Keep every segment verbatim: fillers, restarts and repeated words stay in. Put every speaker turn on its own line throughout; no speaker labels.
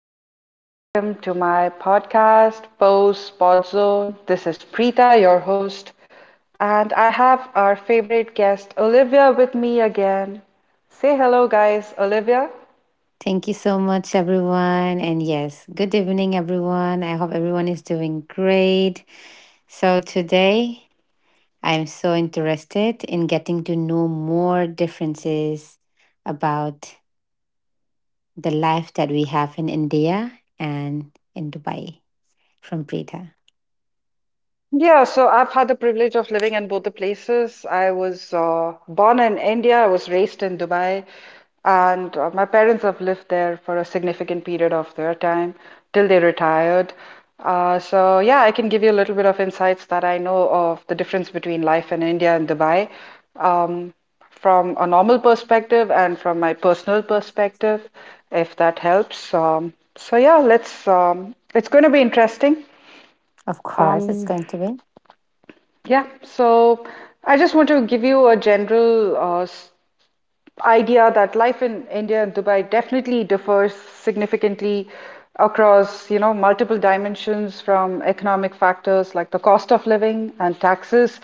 gentlemen. Welcome to my podcast, Pose Podzone. This is Preeta, your host, and I have our favorite guest, Olivia, with me again. Say hello, guys, Olivia.
Thank you so much, everyone. And yes, good evening, everyone. I hope everyone is doing great. So, today I'm so interested in getting to know more differences about the life that we have in India and in Dubai from Preeta.
Yeah, so I've had the privilege of living in both the places. I was uh, born in India, I was raised in Dubai, and uh, my parents have lived there for a significant period of their time till they retired. Uh, so, yeah, I can give you a little bit of insights that I know of the difference between life in India and Dubai um, from a normal perspective and from my personal perspective, if that helps. Um, so, yeah, let's, um, it's going to be interesting.
Of course, it's
Um,
going to
yeah, so I just want to give you a general uh, s- idea that life in India and Dubai definitely differs significantly across, you know, multiple dimensions, from economic factors like the cost of living and taxes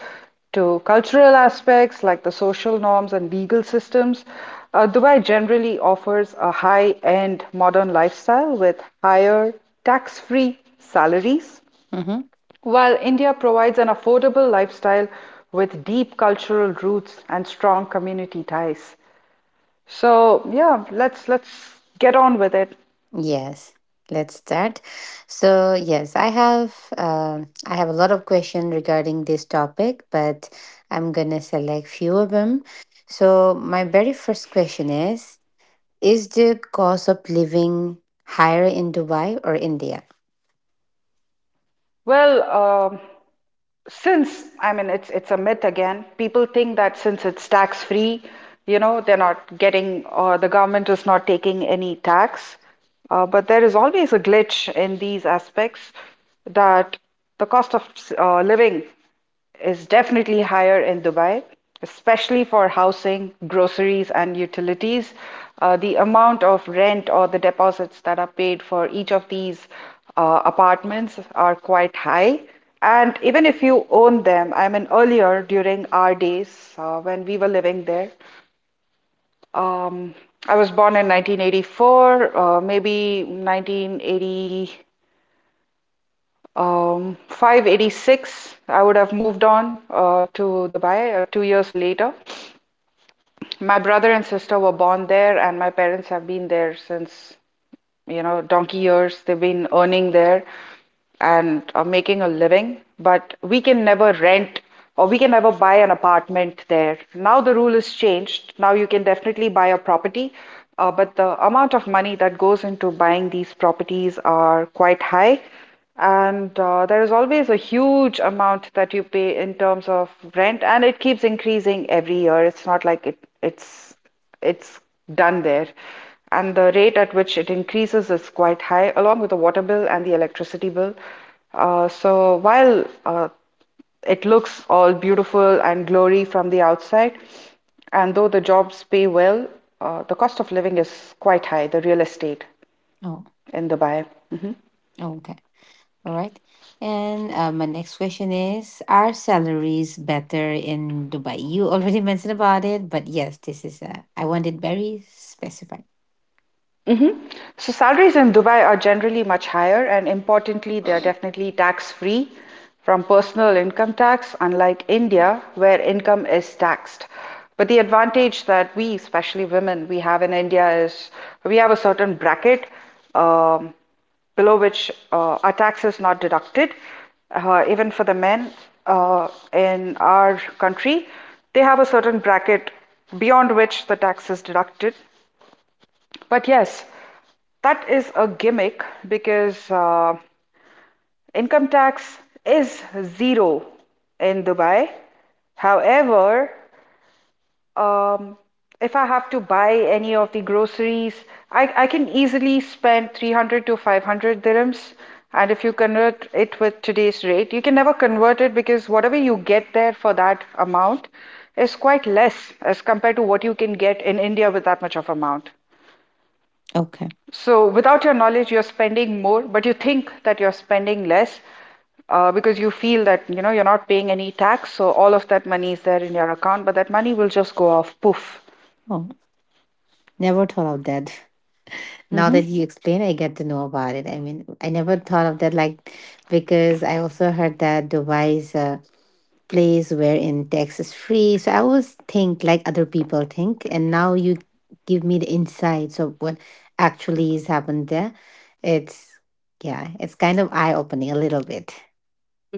to cultural aspects like the social norms and legal systems. Uh, Dubai generally offers a high-end modern lifestyle with higher tax-free salaries,
be.
while India provides an affordable lifestyle with deep cultural roots and strong community ties. So yeah, let's let's get on with it.
Yes, let's start. So, yes, I have um I have a lot of questions regarding this topic, but I'm gonna select few of them. So, my very first question is: Is the cost of living higher in Dubai or India?
Well, um since I mean it's it's a myth again. People think that since it's tax free, you know, they're not getting, or the government is not taking any tax. Uh, but there is always a glitch in these aspects, that the cost of uh, living is definitely higher in Dubai, especially for housing, groceries, and utilities. Uh, the amount of rent or the deposits that are paid for each of these uh, apartments are quite high. And even if you own them, I mean, earlier during our days uh, when we were living there, um, I was born in nineteen eighty-four, uh, maybe nineteen eighty. Um, five eight six, I would have moved on uh, to Dubai uh, two years later. My brother and sister were born there, and my parents have been there since, you know, donkey years they've been earning there and uh, making a living, but we can never rent or we can never buy an apartment there. Now the rule is changed. Now you can definitely buy a property, uh, but the amount of money that goes into buying these properties are quite high. And uh, there is always a huge amount that you pay in terms of rent, and it keeps increasing every year. It's not like it, it's it's done there. And the rate at which it increases is quite high, along with the water bill and the electricity bill. Uh, so while uh, it looks all beautiful and glory from the outside, and though the jobs pay well, uh, the cost of living is quite high, the real estate
Oh,
in Dubai. Mm-hmm.
okay, all right. And uh, my next question is: Are salaries better in Dubai? You already mentioned about it, but yes, this is uh, I want it very specified.
Mhm. So salaries in Dubai are generally much higher, and importantly, they are definitely tax-free from personal income tax, unlike India, where income is taxed. But the advantage that we, especially women, we have in India is we have a certain bracket, um, below which uh, our tax is not deducted. Uh, even for the men uh, in our country, they have a certain bracket beyond which the tax is deducted. But yes, that is a gimmick because uh, income tax is zero in Dubai. However, um, if I have to buy any of the groceries, I, I can easily spend three hundred to five hundred dirhams. And if you convert it with today's rate, you can never convert it, because whatever you get there for that amount is quite less as compared to what you can get in India with that much of amount.
Okay.
So, without your knowledge, you're spending more, but you think that you're spending less uh, because you feel that, you know, you're not paying any tax, so all of that money is there in your account, but that money will just go off poof.
Never thought of that. Now
Hmm.
that you explain, I get to know about it. I mean, I never thought of that, like, because I also heard that Dubai is a place wherein tax is free. So I always think like other people think, and now you give me the insights of what actually is happened there. It's, yeah, it's kind of eye opening a little bit.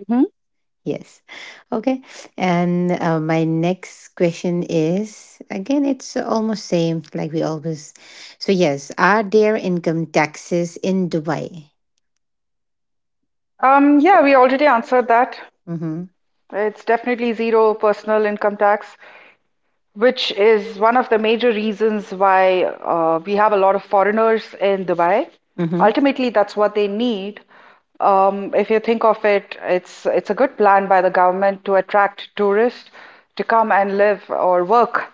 Hmm.
Yes. Okay. And uh, my next question is again, it's almost same like we always. So yes, are there income taxes in Dubai?
Um, yeah, we already answered that.
Mm-hmm.
It's definitely zero personal income tax, which is one of the major reasons why uh, we have a lot of foreigners in Dubai.
Mm-hmm.
Ultimately, that's what they need. Um, if you think of it, it's it's a good plan by the government to attract tourists to come and live or work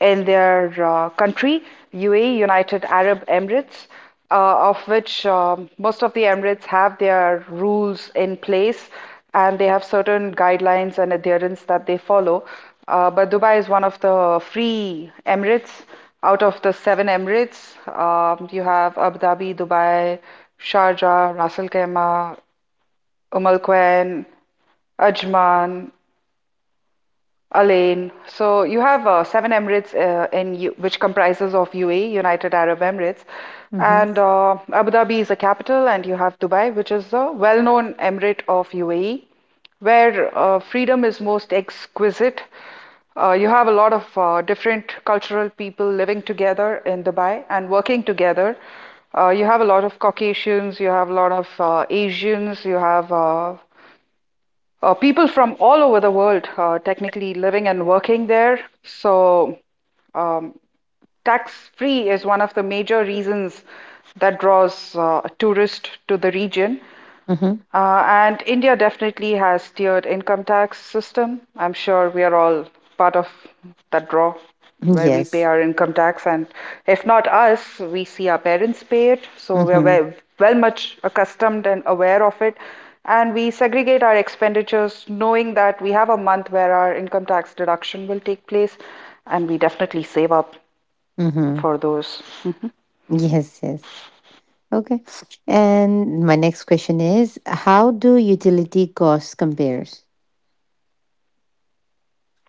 in their uh, country, U A E, United Arab Emirates, uh, of which um, most of the emirates have their rules in place and they have certain guidelines and adherence that they follow. Uh, but Dubai is one of the free Emirates. Out of the seven Emirates, um, you have Abu Dhabi, Dubai, Sharjah, Ras Al Khaimah, Umm Al Quwain, Ajman, Alain, so you have uh, seven Emirates uh, in U which comprises of U A E, United Arab Emirates, and
Mm-hmm.
uh, Abu Dhabi is the capital, and you have Dubai, which is the well-known emirate of U A E, where uh, freedom is most exquisite. Uh, you have a lot of uh, different cultural people living together in Dubai and working together. Uh, you have a lot of Caucasians, you have a lot of uh, Asians, you have uh, uh, people from all over the world uh, technically living and working there. So um, tax-free is one of the major reasons that draws uh, tourists to the region.
Mm-hmm.
Uh, and India definitely has tiered income tax system. I'm sure we are all part of that draw, where we pay
Yes.
our income tax, and if not us, we see our parents pay it. So we are
Mm-hmm.
well, well much accustomed and aware of it, and we segregate our expenditures, knowing that we have a month where our income tax deduction will take place, and we definitely save up
Mm-hmm.
for those.
Yes. Yes. Okay. And my next question is, how do utility costs compares?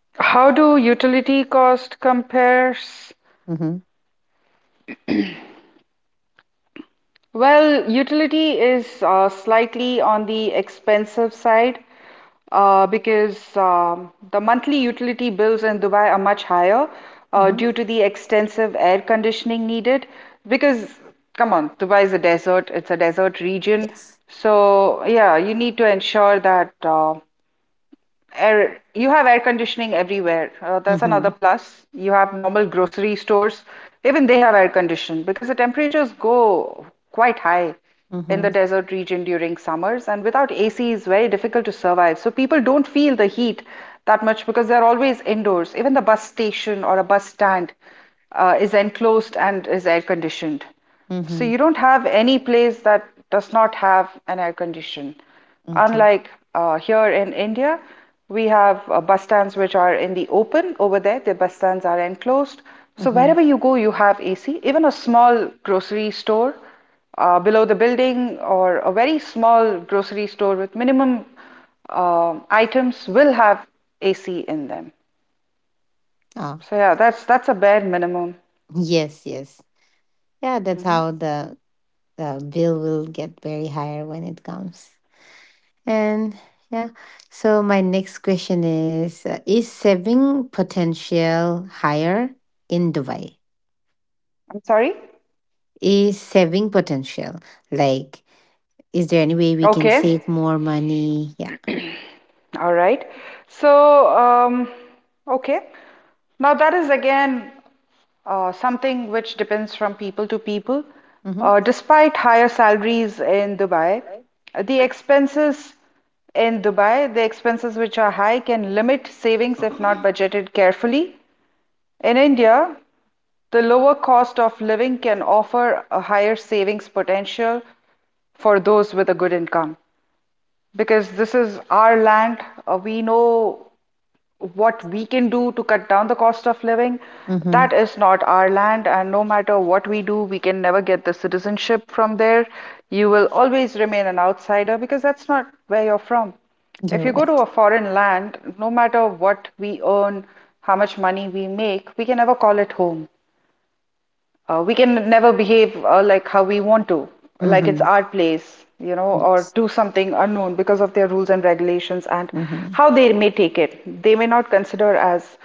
How do utility cost compares?
Mm-hmm.
Well, utility is uh, slightly on the expensive side uh, because um, the monthly utility bills in Dubai are much higher uh,
Mm-hmm.
due to the extensive air conditioning needed. Because, come on, Dubai is a desert, it's a desert region.
Yes.
So, yeah, you need to ensure that uh, Air, you have air conditioning everywhere. Uh, that's
Mm-hmm.
another plus. You have normal grocery stores, even they have air conditioning because the temperatures go quite high in
Mm-hmm.
the desert region during summers, and without A C is very difficult to survive. So people don't feel the heat that much because they're always indoors. Even the bus station or a bus stand uh, is enclosed and is air conditioned. So
Mm-hmm.
you don't have any place that does not have an air condition.
Okay.
Unlike uh, here in India, we have uh, bus stands which are in the open. Over there, the bus stands are enclosed. So
Mm-hmm.
wherever you go, you have A C. Even a small grocery store uh, below the building, or a very small grocery store with minimum um items, will have A C in them.
Ah.
So yeah, that's that's a bare minimum.
Yes. Yes. Yeah, that's how the the bill will get very higher when it comes. And yeah, so my next question is: uh, Is saving potential higher in Dubai?
I'm sorry.
Is saving potential like? Is there any way we can
Okay.
save more money? Yeah.
All right. So, um, okay. Now, that is again uh, something which depends from people to people.
Mm-hmm.
Uh, despite higher salaries in Dubai, the expenses in Dubai, the expenses which are high can limit savings if not budgeted carefully. In India, the lower cost of living can offer a higher savings potential for those with a good income, because this is our land. Uh, we know what we can do to cut down the cost of living.
Mm-hmm.
That is not our land, and no matter what we do, we can never get the citizenship from there. You will always remain an outsider because that's not where you're from. If
You're
you go to
right.
a foreign land, no matter what we earn, how much money we make, we can never call it home. Uh, we can never behave uh, like how we want to, like it's
Mm-hmm.
our place, you know, or
Yes.
do something unknown because of their rules and regulations, and
Mm-hmm.
how they may take it. They may not consider as,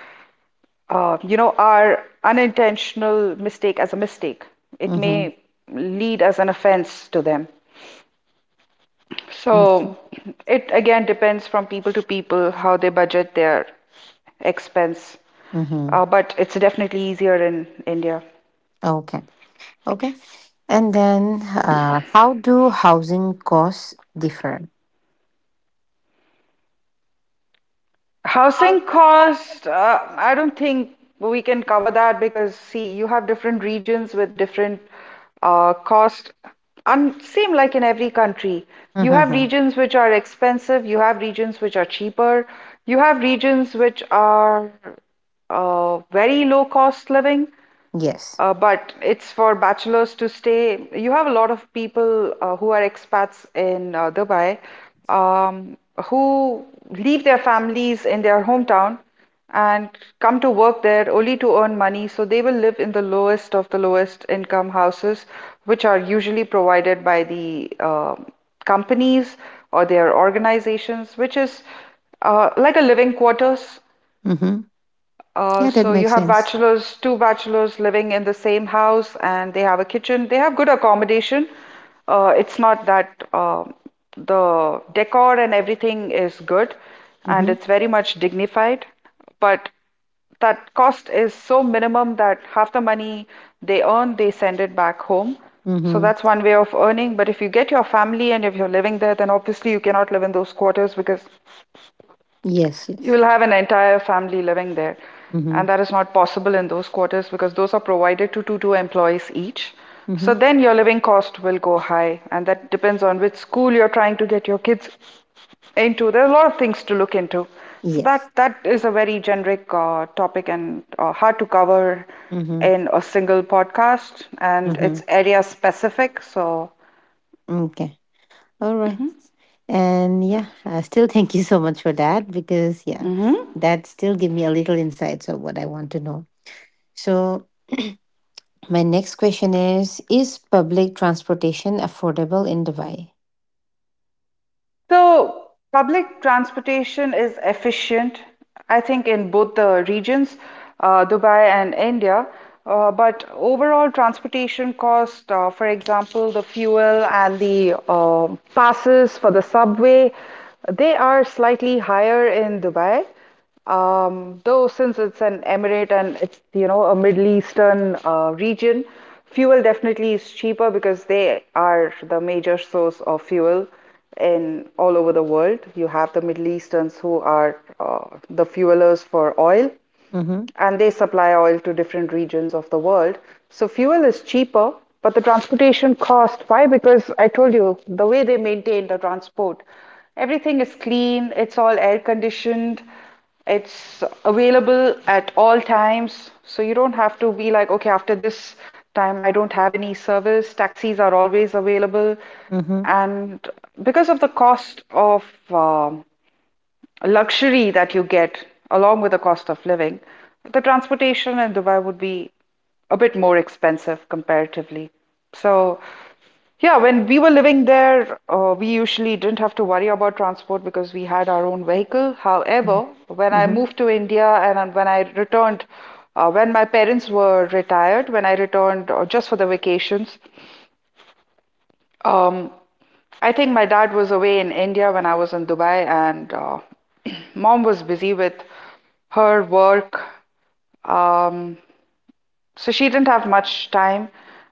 uh, you know, our unintentional mistake as a mistake. It
Mm-hmm.
may lead as an offense to them. So
Okay.
it again depends from people to people how they budget their expense, uh,
Mm-hmm.
but it's definitely easier in India.
Okay. Okay. And then, uh, how do housing costs differ?
Housing cost, uh, I don't think we can cover that because, see, you have different regions with different uh, cost. And same like in every country, you have
Mm-hmm.
regions which are expensive, you have regions which are cheaper, you have regions which are uh, very low cost living,
Yes.
uh, but it's for bachelors to stay. You have a lot of people uh, who are expats in uh, Dubai, um, who leave their families in their hometown and come to work there only to earn money. So they will live in the lowest of the lowest income houses, which are usually provided by the um companies or their organizations, which is uh, like a living quarters,
Mm-hmm.
uh,
Yeah, that
so you
makes
have
sense.
bachelors, two bachelors living in the same house, and they have a kitchen. They have good accommodation. Uh, it's not that uh, the decor and everything is good, and
Mm-hmm.
it's very much dignified, but that cost is so minimum that half the money they earn, they send it back home. So
Mm-hmm.
that's one way of earning. But if you get your family and if you're living there, then obviously you cannot live in those quarters because
Yes, yes.
you'll have an entire family living there,
Mm-hmm.
and that is not possible in those quarters because those are provided to two two employees each.
Mm-hmm.
So then your living cost will go high, and that depends on which school you're trying to get your kids into. There are a lot of things to look into. So
Yes.
that that is a very generic uh, topic and uh, hard to cover
Mm-hmm.
in a single podcast, and
Mm-hmm.
it's area specific. So.
Okay. All right. And yeah, uh, still thank you so much for that because yeah,
hmm
that still give me a little insights of what I want to know. So my next question is: Is public transportation affordable in Dubai?
So, public transportation is efficient, I think, in both the regions, uh, Dubai and India. Uh, but overall transportation cost, uh, for example, the fuel and the uh, passes for the subway, they are slightly higher in Dubai. Um, though since it's an emirate and it's, you know, a Middle Eastern uh, region, fuel definitely is cheaper because they are the major source of fuel in all over the world. You have the Middle Easterns who are uh, the fuelers for oil,
Mm-hmm.
and they supply oil to different regions of the world. So fuel is cheaper, but the transportation cost, why? Because I told you the way they maintain the transport, everything is clean, it's all air conditioned, it's available at all times. So you don't have to be like, okay, after this time, I don't have any service. Taxis are always available.
Mm-hmm.
And because of the cost of um luxury that you get along with the cost of living, the transportation in Dubai would be a bit more expensive comparatively. So, yeah, when we were living there, uh, we usually didn't have to worry about transport because we had our own vehicle.
Mm-hmm.
However, when I
Mm-hmm.
moved to India and when I returned, uh, when my parents were retired, when I returned uh, just for the vacations, um, I think my dad was away in India when I was in Dubai, and uh, mom was busy with her work. Um, so she didn't have much time.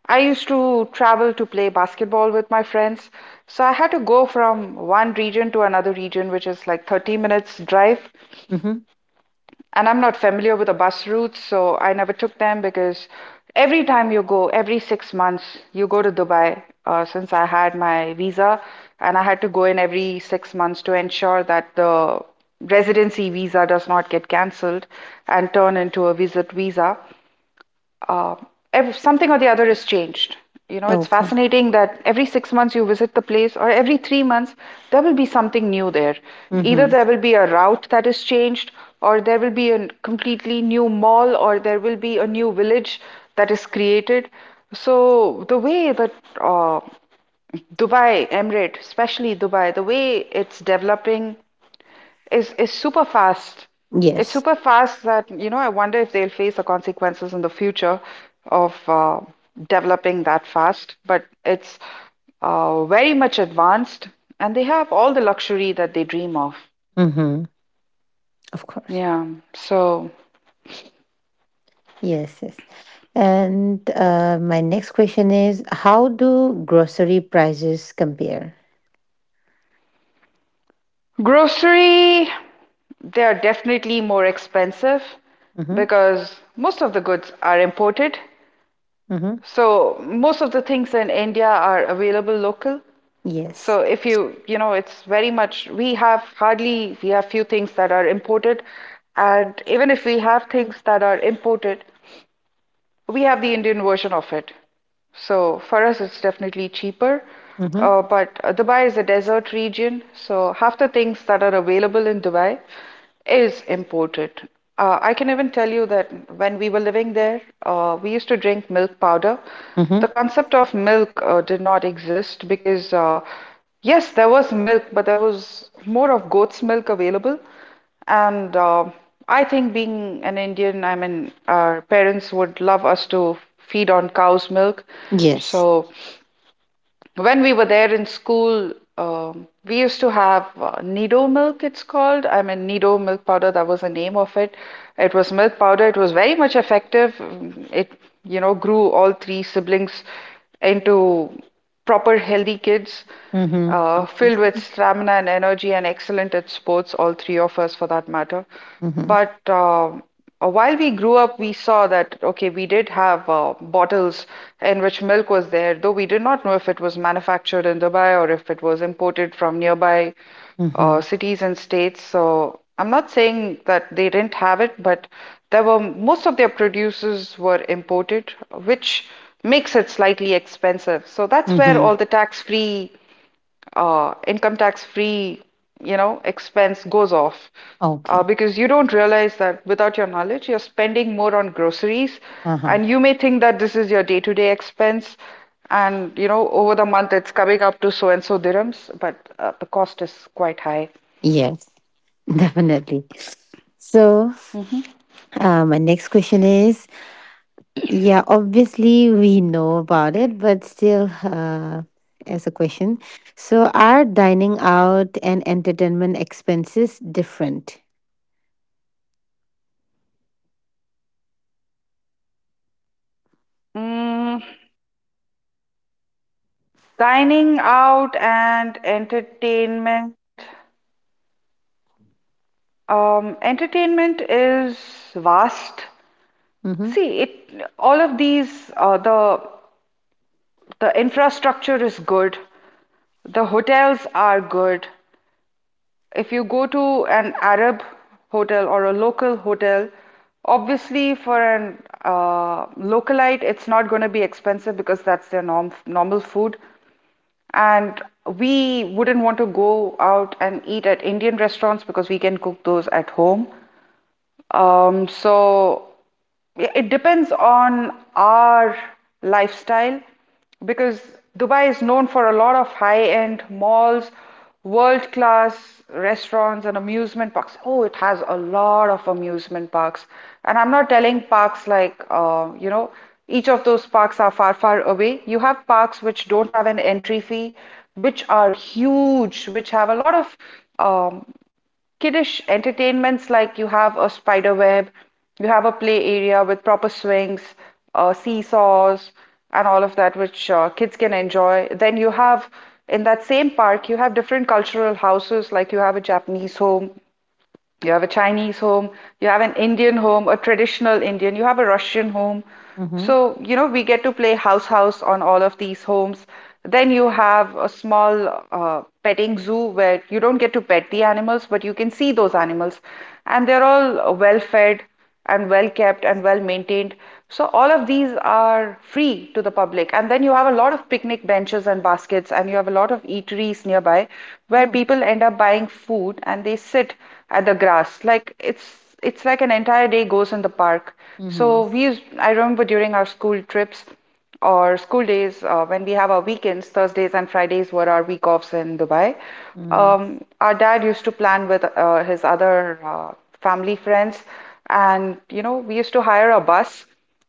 I used to travel to play basketball with my friends. So I had to go from one region to another region, which is like thirty minutes drive,
Mm-hmm.
and I'm not familiar with the bus routes, so I never took them because every time you go, every six months, you go to Dubai. Uh, since I had my visa, and I had to go in every six months to ensure that the residency visa does not get cancelled and turn into a visit visa, uh, ev something or the other is changed. You know, it's
Okay.
fascinating that every six months you visit the place, or every three months, there will be something new there. Either
Mm-hmm.
there will be a route that is changed, or there will be a completely new mall, or there will be a new village that is created. So, the way that uh, Dubai, Emirate, especially Dubai, the way it's developing is is super fast. It's
Yes.
super fast that, you know, I wonder if they'll face the consequences in the future of uh, developing that fast. But it's uh, very much advanced, and they have all the luxury that they dream of.
Mm-hmm. Of course.
Yeah. So,
Yes, yes. And uh, my next question is how do grocery prices compare?
grocery, they are definitely more expensive
Mm-hmm.
because most of the goods are imported.
Mm-hmm.
So, most of the things in India are available local.
Yes.
So if you, you know, it's very much, we have hardly, we have few things that are imported. And even if we have things that are imported, we have the Indian version of it. So for us, it's definitely cheaper.
Mm-hmm.
Uh, but uh, Dubai is a desert region, so half the things that are available in Dubai is imported. Uh, I can even tell you that when we were living there, uh, we used to drink milk powder. The
Mm-hmm.
concept of milk uh, did not exist because, uh, yes, there was milk, but there was more of goat's milk available. And uh, I think being an Indian, I mean, our parents would love us to feed on cow's milk.
Yes.
So when we were there in school, um, we used to have uh, Nido milk, it's called. I mean, Nido milk powder, that was the name of it. It was milk powder. It was very much effective. Mm, It, you know, grew all three siblings into proper healthy kids
Mm-hmm.
uh, filled with stamina and energy and excellent at sports, all three of us for that matter.
Mm-hmm.
But um, uh, While we grew up, we saw that, okay, we did have uh, bottles in which milk was there, though we did not know if it was manufactured in Dubai or if it was imported from nearby uh,
Mm-hmm.
cities and states. So I'm not saying that they didn't have it, but there were most of their producers were imported, which makes it slightly expensive. So that's where
Mm-hmm.
all the tax-free, uh, income tax-free, you know, expense goes off. Uh,
Okay.
because you don't realize that without your knowledge, you're spending more on groceries,
Uh-huh.
and you may think that this is your day-to-day expense, and you know, over the month it's coming up to so and so dirhams, but uh, the cost is quite high.
Yes, definitely. So
Mm-hmm.
uh, my next question is: Yeah, obviously we know about it, but still, uh, as a question. So, are dining out and entertainment expenses different?
Mm, Dining out and entertainment. Um, entertainment is vast.
Mm-hmm.
See, it All of these uh, the the infrastructure is good. The hotels are good. If you go to an Arab hotel or a local hotel, obviously for an uh, localite, it's not going to be expensive because that's their norm normal food. And we wouldn't want to go out and eat at Indian restaurants because we can cook those at home. Um, so i- it depends on our lifestyle because Dubai is known for a lot of high-end malls, world-class restaurants and amusement parks. Oh, it has a lot of amusement parks. And I'm not telling parks like, uh, you know, each of those parks are far, far away. You have parks which don't have an entry fee, which are huge, which have a lot of um, kiddish entertainments like you have a spider web, you have a play area with proper swings, uh, seesaws, and all of that, which uh, kids can enjoy. Then you have in that same park, you have different cultural houses, like you have a Japanese home, you have a Chinese home, you have an Indian home, a traditional Indian, you have a Russian home.
Mm-hmm.
So, you know, we get to play house house on all of these homes. Then you have a small uh, petting zoo where you don't get to pet the animals, but you can see those animals. And they're all well fed and well kept and well maintained. So all of these are free to the public. And then you have a lot of picnic benches and baskets, and you have a lot of eateries nearby where
Oh.
people end up buying food and they sit at the grass. Like it's it's like an entire day goes in the park.
Mm-hmm.
So we used, I remember during our school trips, or school days, uh, when we have our weekends, Thursdays and Fridays were our week offs in Dubai.
Mm-hmm.
Um, our dad used to plan with uh, his other uh, family friends, and you know, we used to hire a bus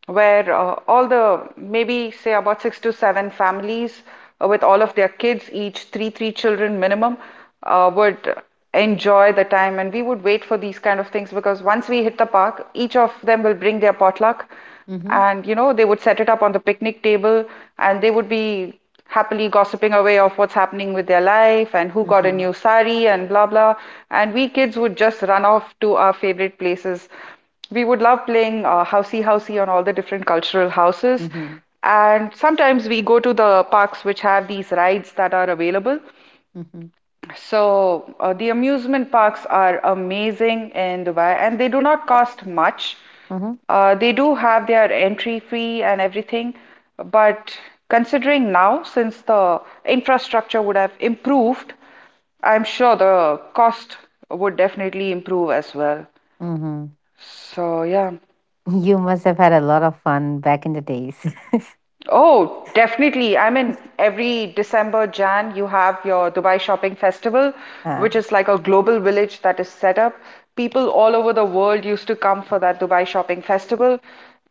where uh, all the maybe say about six to seven families uh, with all of their kids, each three, three children minimum, uh, would enjoy the time. And we would wait for these kind of things because once we hit the park, each of them will bring their potluck,
Mm-hmm.
and you know, they would set it up on the picnic table and they would be happily gossiping away of what's happening with their life and who got a
Mm-hmm.
new sari and blah blah. And we kids would just run off to our favorite places. We would love playing uh, housey housey on all the different cultural houses.
Mm-hmm.
And sometimes we go to the parks which have these rides that are available.
Mm-hmm.
So, uh, the amusement parks are amazing in Dubai and they do not cost much. Uh, they do have their entry fee and everything, but considering now, since the infrastructure would have improved, I'm sure the cost would definitely improve as well.
Mm-hmm.
So, yeah.
You must have had a lot of fun back in the days.
Oh, definitely. I mean, every December, Jan, you have your Dubai Shopping Festival,
uh,
which is like a global village that is set up. People all over the world used to come for that Dubai Shopping Festival.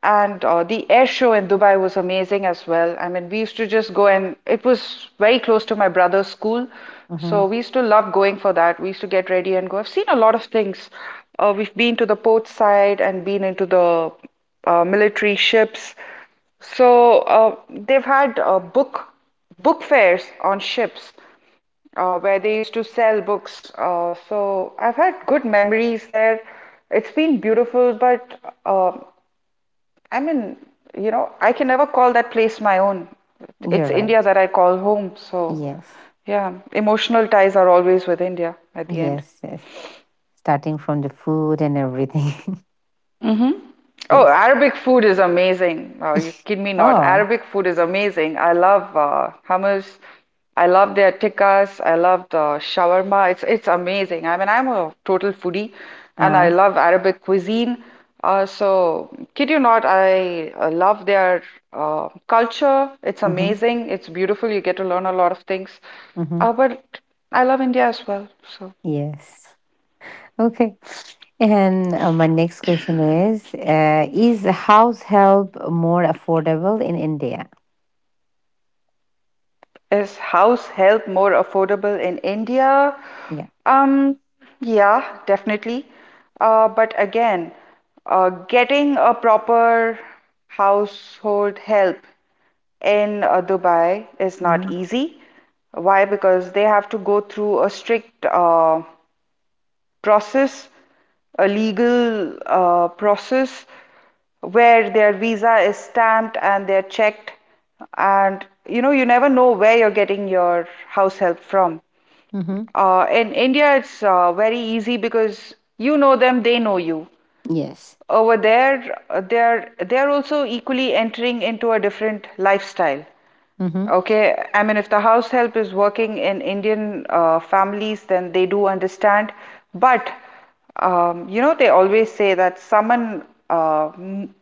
And uh, the air show in Dubai was amazing as well. I mean, we used to just go and it was very close to my brother's school.
mm-hmm.
So we used to love going for that. We used to get ready and go. I've seen a lot of things. Uh, we've been to the port side and been into the uh, military ships. So uh, they've had uh, book book fairs on ships uh, where they used to sell books. Uh, so I've had good memories there. It's been beautiful, but uh, I mean, you know, I can never call that place my own.
You're
It's
right.
India that I call home. So
Yes.
yeah, emotional ties are always with India at the end.
Yes. Yes. Starting from the food and everything.
Oh,
Yes.
Arabic food is amazing. Oh, you kid me not.
Oh.
Arabic food is amazing. I love uh, hummus. I love their tikkas. I love the shawarma. It's it's amazing. I mean, I'm a total foodie, and I
Uh,
love Arabic cuisine. Uh, so, kid you not, I uh, love their uh, culture. It's
mm-hmm.
amazing. It's beautiful. You get to learn a lot of things.
Mm-hmm.
Uh, but I love India as well. So.
Yes. Okay. And uh, my next question is uh, Is house help more affordable in India?
Is house help more affordable in India?
Yeah.
Um, yeah, definitely. Uh, but again, uh, getting a proper household help in uh, Dubai is
Mm-hmm.
not easy. Why? Because they have to go through a strict uh, process, a legal uh, process where their visa is stamped and they're checked, and you know, you never know where you're getting your house help from.
Mm-hmm.
Uh, in India, it's uh, very easy because you know them, they know you.
Yes.
Over there, uh, they're they're also equally entering into a different lifestyle.
Mm-hmm.
Okay, I mean, if the house help is working in Indian uh, families, then they do understand. But um, you know, they always say that someone, uh, m-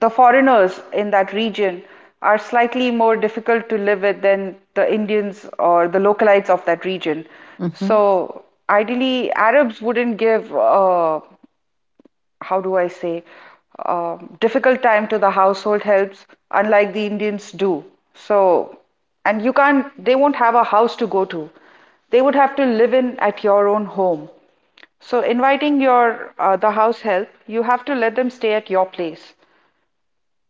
the foreigners in that region are slightly more difficult to live with than the Indians or the localites of that region.
Mm-hmm.
So ideally, Arabs wouldn't give uh, how do I say, uh, difficult time to the household helps, unlike the Indians do. So, and you can't, they won't have a house to go to. They would have to live in at your own home. So, inviting your uh, the house help, you have to let them stay at your place.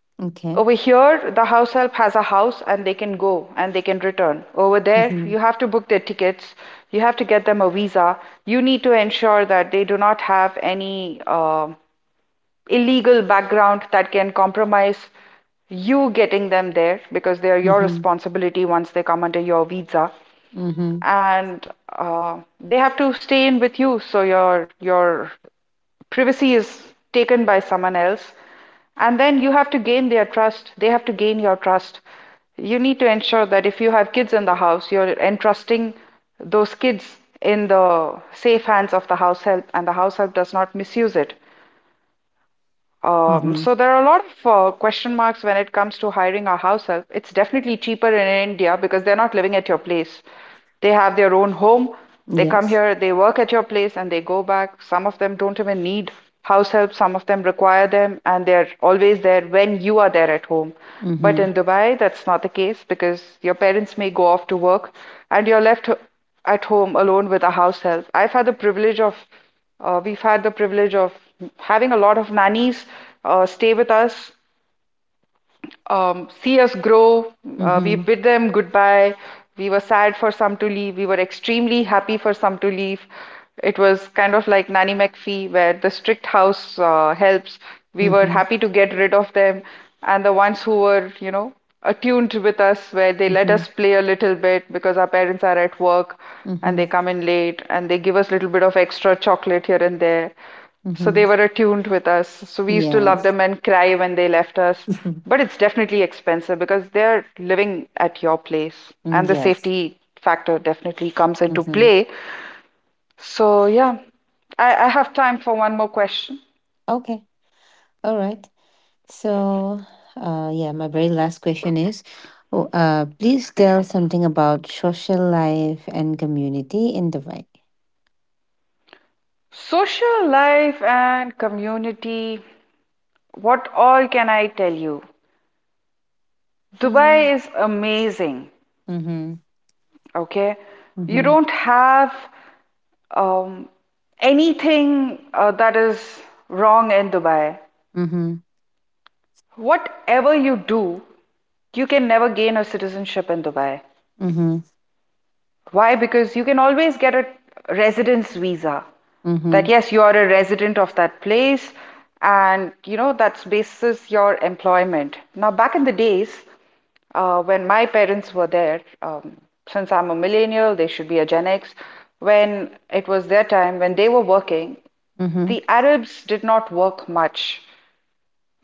Okay.
Over here, the house help has a house and they can go and they can return. Over there,
Mm-hmm.
you have to book their tickets, you have to get them a visa. You need to ensure that they do not have any um illegal background that can compromise you getting them there because they are your
Mm-hmm.
responsibility once they come under your visa
Mm-hmm.
and uh, they have to stay in with you, so your your privacy is taken by someone else, and then you have to gain their trust, they have to gain your trust. You need to ensure that if you have kids in the house, you're entrusting those kids in the safe hands of the house help and the house help does not misuse it. um,
Mm-hmm.
so there are a lot of uh, question marks when it comes to hiring a house help. It's definitely cheaper in India because they're not living at your place. They have their own home. They come
Yes.
here, they work at your place, and they go back. Some of them don't even need house help. Some of them require them, and they're always there when you are there at home. But
Mm-hmm.
in Dubai, that's not the case because your parents may go off to work, and you're left at home alone with a house help. I've had the privilege of uh, we've had the privilege of having a lot of nannies uh, stay with us, um, see us grow. Uh, we
Mm-hmm.
bid them goodbye. We were sad for some to leave. We were extremely happy for some to leave. It was kind of like Nanny McPhee, where the strict house uh, helps. We were
Mm-hmm.
happy to get rid of them. And the ones who were, you know, attuned with us, where they let
Mm-hmm.
us play a little bit because our parents are at work and
Mm-hmm.
they come in late and they give us a little bit of extra chocolate here and there, so
Mm-hmm.
they were attuned with us. So we used to love
Yes.
them and cry when they left us. But it's definitely expensive because they're living at your place
Mm,
and the
yes.
safety factor definitely comes into
Mm-hmm.
play. So yeah, I, I have time for one more question.
Okay. All right. So, uh, yeah, my very last question is, oh, uh, please tell something about social life and community in Dubai.
Social life and community, what all can I tell you?
Mm.
Dubai is amazing.
Mm-hmm.
Okay, you
Mm-hmm.
don't have um, anything uh, that is wrong in Dubai.
Mm-hmm.
Whatever you do, you can never gain a citizenship in Dubai.
Mm-hmm.
Why? Because you can always get a residence visa that
Mm-hmm.
yes, you are a resident of that place, and you know, that's basis your employment. Now, back in the days, uh, when my parents were there, um, since I'm a millennial, they should be a Gen X. When it was their time, when they were working,
Mm-hmm.
the Arabs did not work much.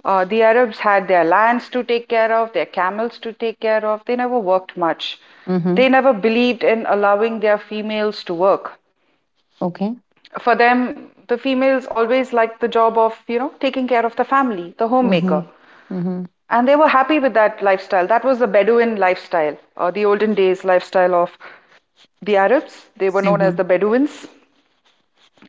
Uh, the Arabs had their lands to take care of, their camels to take care of. They never worked much.
Mm-hmm.
They never believed in allowing their females to work.
Okay.
For them, the females always liked the job of, you know, taking care of the family, the
Mm-hmm.
homemaker.
Mm-hmm.
And they were happy with that lifestyle. That was the Bedouin lifestyle, or the olden days lifestyle of the Arabs. They were known as the Bedouins.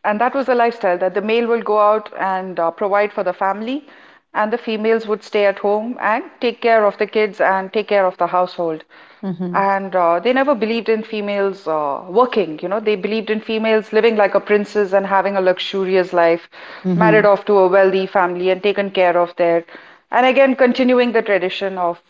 And that was the lifestyle that the male will go out and uh, provide for the family, and the females would stay at home and take care of the kids and take care of the household.
Mm-hmm. Mm-hmm.
And uh, they never believed in females uh, working, you know, they believed in females living like a princess and having a luxurious life,
Mm-hmm.
married off to a wealthy family and taken care of there. And again, continuing the tradition of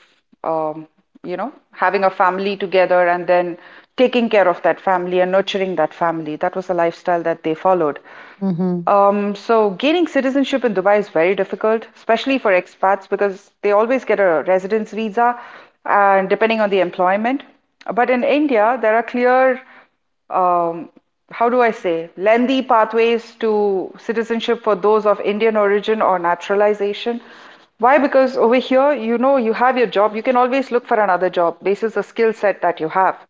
um, you know, having a family together and then taking care of that family and nurturing that family. That was the lifestyle that they followed.
Mm-hmm.
Um, so gaining citizenship in Dubai is very difficult, especially for expats because they always get a residence visa and depending on the employment. But in India, there are clear um, how do I say, lengthy pathways to citizenship for those of Indian origin or naturalization. Why? Because over here, you know, you have your job, you can always look for another job basis the skill set that you have.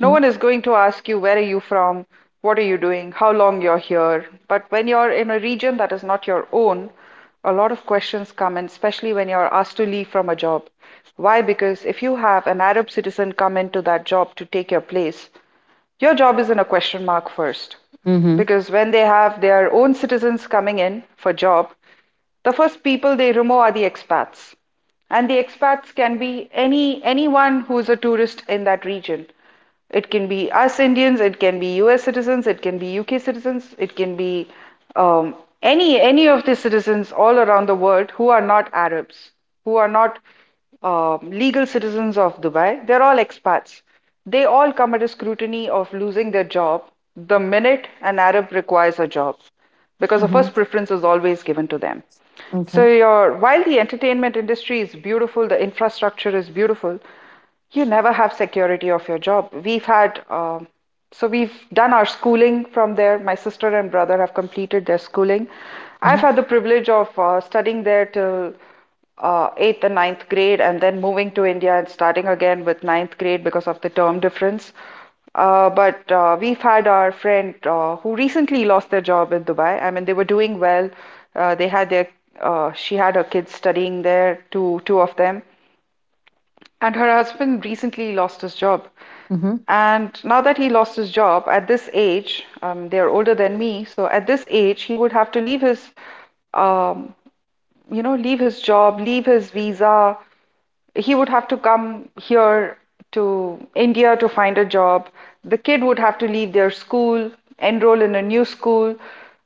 No one is going to ask you, where are you from? What are you doing? How long you're here? But when you're in a region that is not your own, a lot of questions come in, especially when you're asked to leave from a job. Why? Because if you have an Arab citizen come into that job to take your place, your job is in a question mark first.
Mm-hmm.
Because when they have their own citizens coming in for job, the first people they remove are the expats. And the expats can be any anyone who's a tourist in that region. It can be us Indians, it can be U S citizens, it can be U K citizens, it can be um, any any of the citizens all around the world who are not Arabs, who are not um, legal citizens of Dubai. They're all expats. They all come under scrutiny of losing their job the minute an Arab requires a job, because the
Mm-hmm.
first preference is always given to them. So
Okay.
your while the entertainment industry is beautiful, the infrastructure is beautiful, you never have security of your job. We've had um so we've done our schooling from there. My sister and brother have completed their schooling. I've
Mm-hmm.
had the privilege of uh, studying there till uh, eighth and ninth grade, and then moving to India and starting again with ninth grade because of the term difference. Uh, but uh, we've had our friend uh, who recently lost their job in Dubai. I mean, they were doing well. Uh, they had their uh, she had her kids studying there, two two of them, and her husband recently lost his job.
Mm-hmm.
And now that he lost his job at this age, um, they are older than me, so at this age, he would have to leave his um, you know, leave his job, leave his visa. He would have to come here to India to find a job. The kid would have to leave their school, enroll in a new school.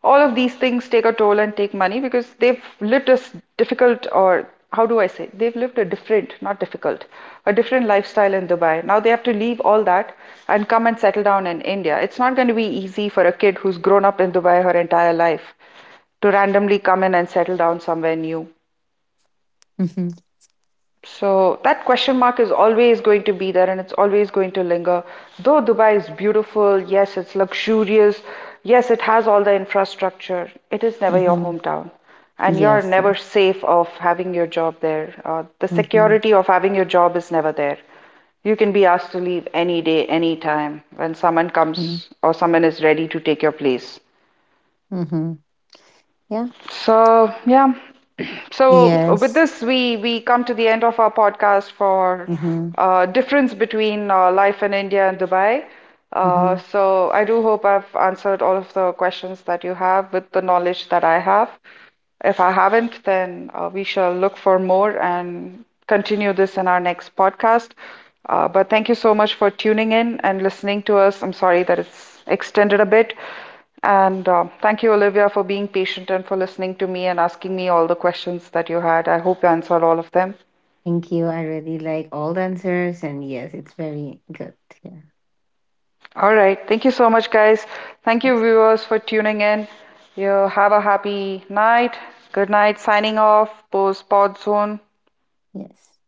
All of these things take a toll and take money because they've lived a difficult, or how do I say, they've lived a different, not difficult, a different lifestyle in Dubai. Now they have to leave all that and come and settle down in India. It's not going to be easy for a kid who's grown up in Dubai her entire life to randomly come in and settle down somewhere new.
Mm-hmm.
So that question mark is always going to be there and it's always going to linger. Though Dubai is beautiful, yes, it's luxurious, yes, it has all the infrastructure, it is never your
Mm-hmm.
hometown. And you're
Yes.
never safe of having your job there. Uh, the
Mm-hmm.
security of having your job is never there. You can be asked to leave any day, any time when someone
Mm-hmm.
comes or someone is ready to take your place.
Mm-hmm, yeah.
So, yeah. So with
Yes.
this, we we come to the end of our podcast for
Mm-hmm.
uh, difference between uh, life in India and Dubai.
Mm-hmm.
Uh, so I do hope I've answered all of the questions that you have with the knowledge that I have. If I haven't, then uh, we shall look for more and continue this in our next podcast. Uh, but thank you so much for tuning in and listening to us. I'm sorry that it's extended a bit. And uh, thank you, Olivia, for being patient and for listening to me and asking me all the questions that you had. I hope you answered all of them.
Thank you. I really like all the answers, and yes, it's very good. Yeah.
All right. Thank you so much, guys. Thank you,
Yes.
viewers, for tuning in. You have a happy night. Good night. Signing off. Pose Pod Zone.
Yes.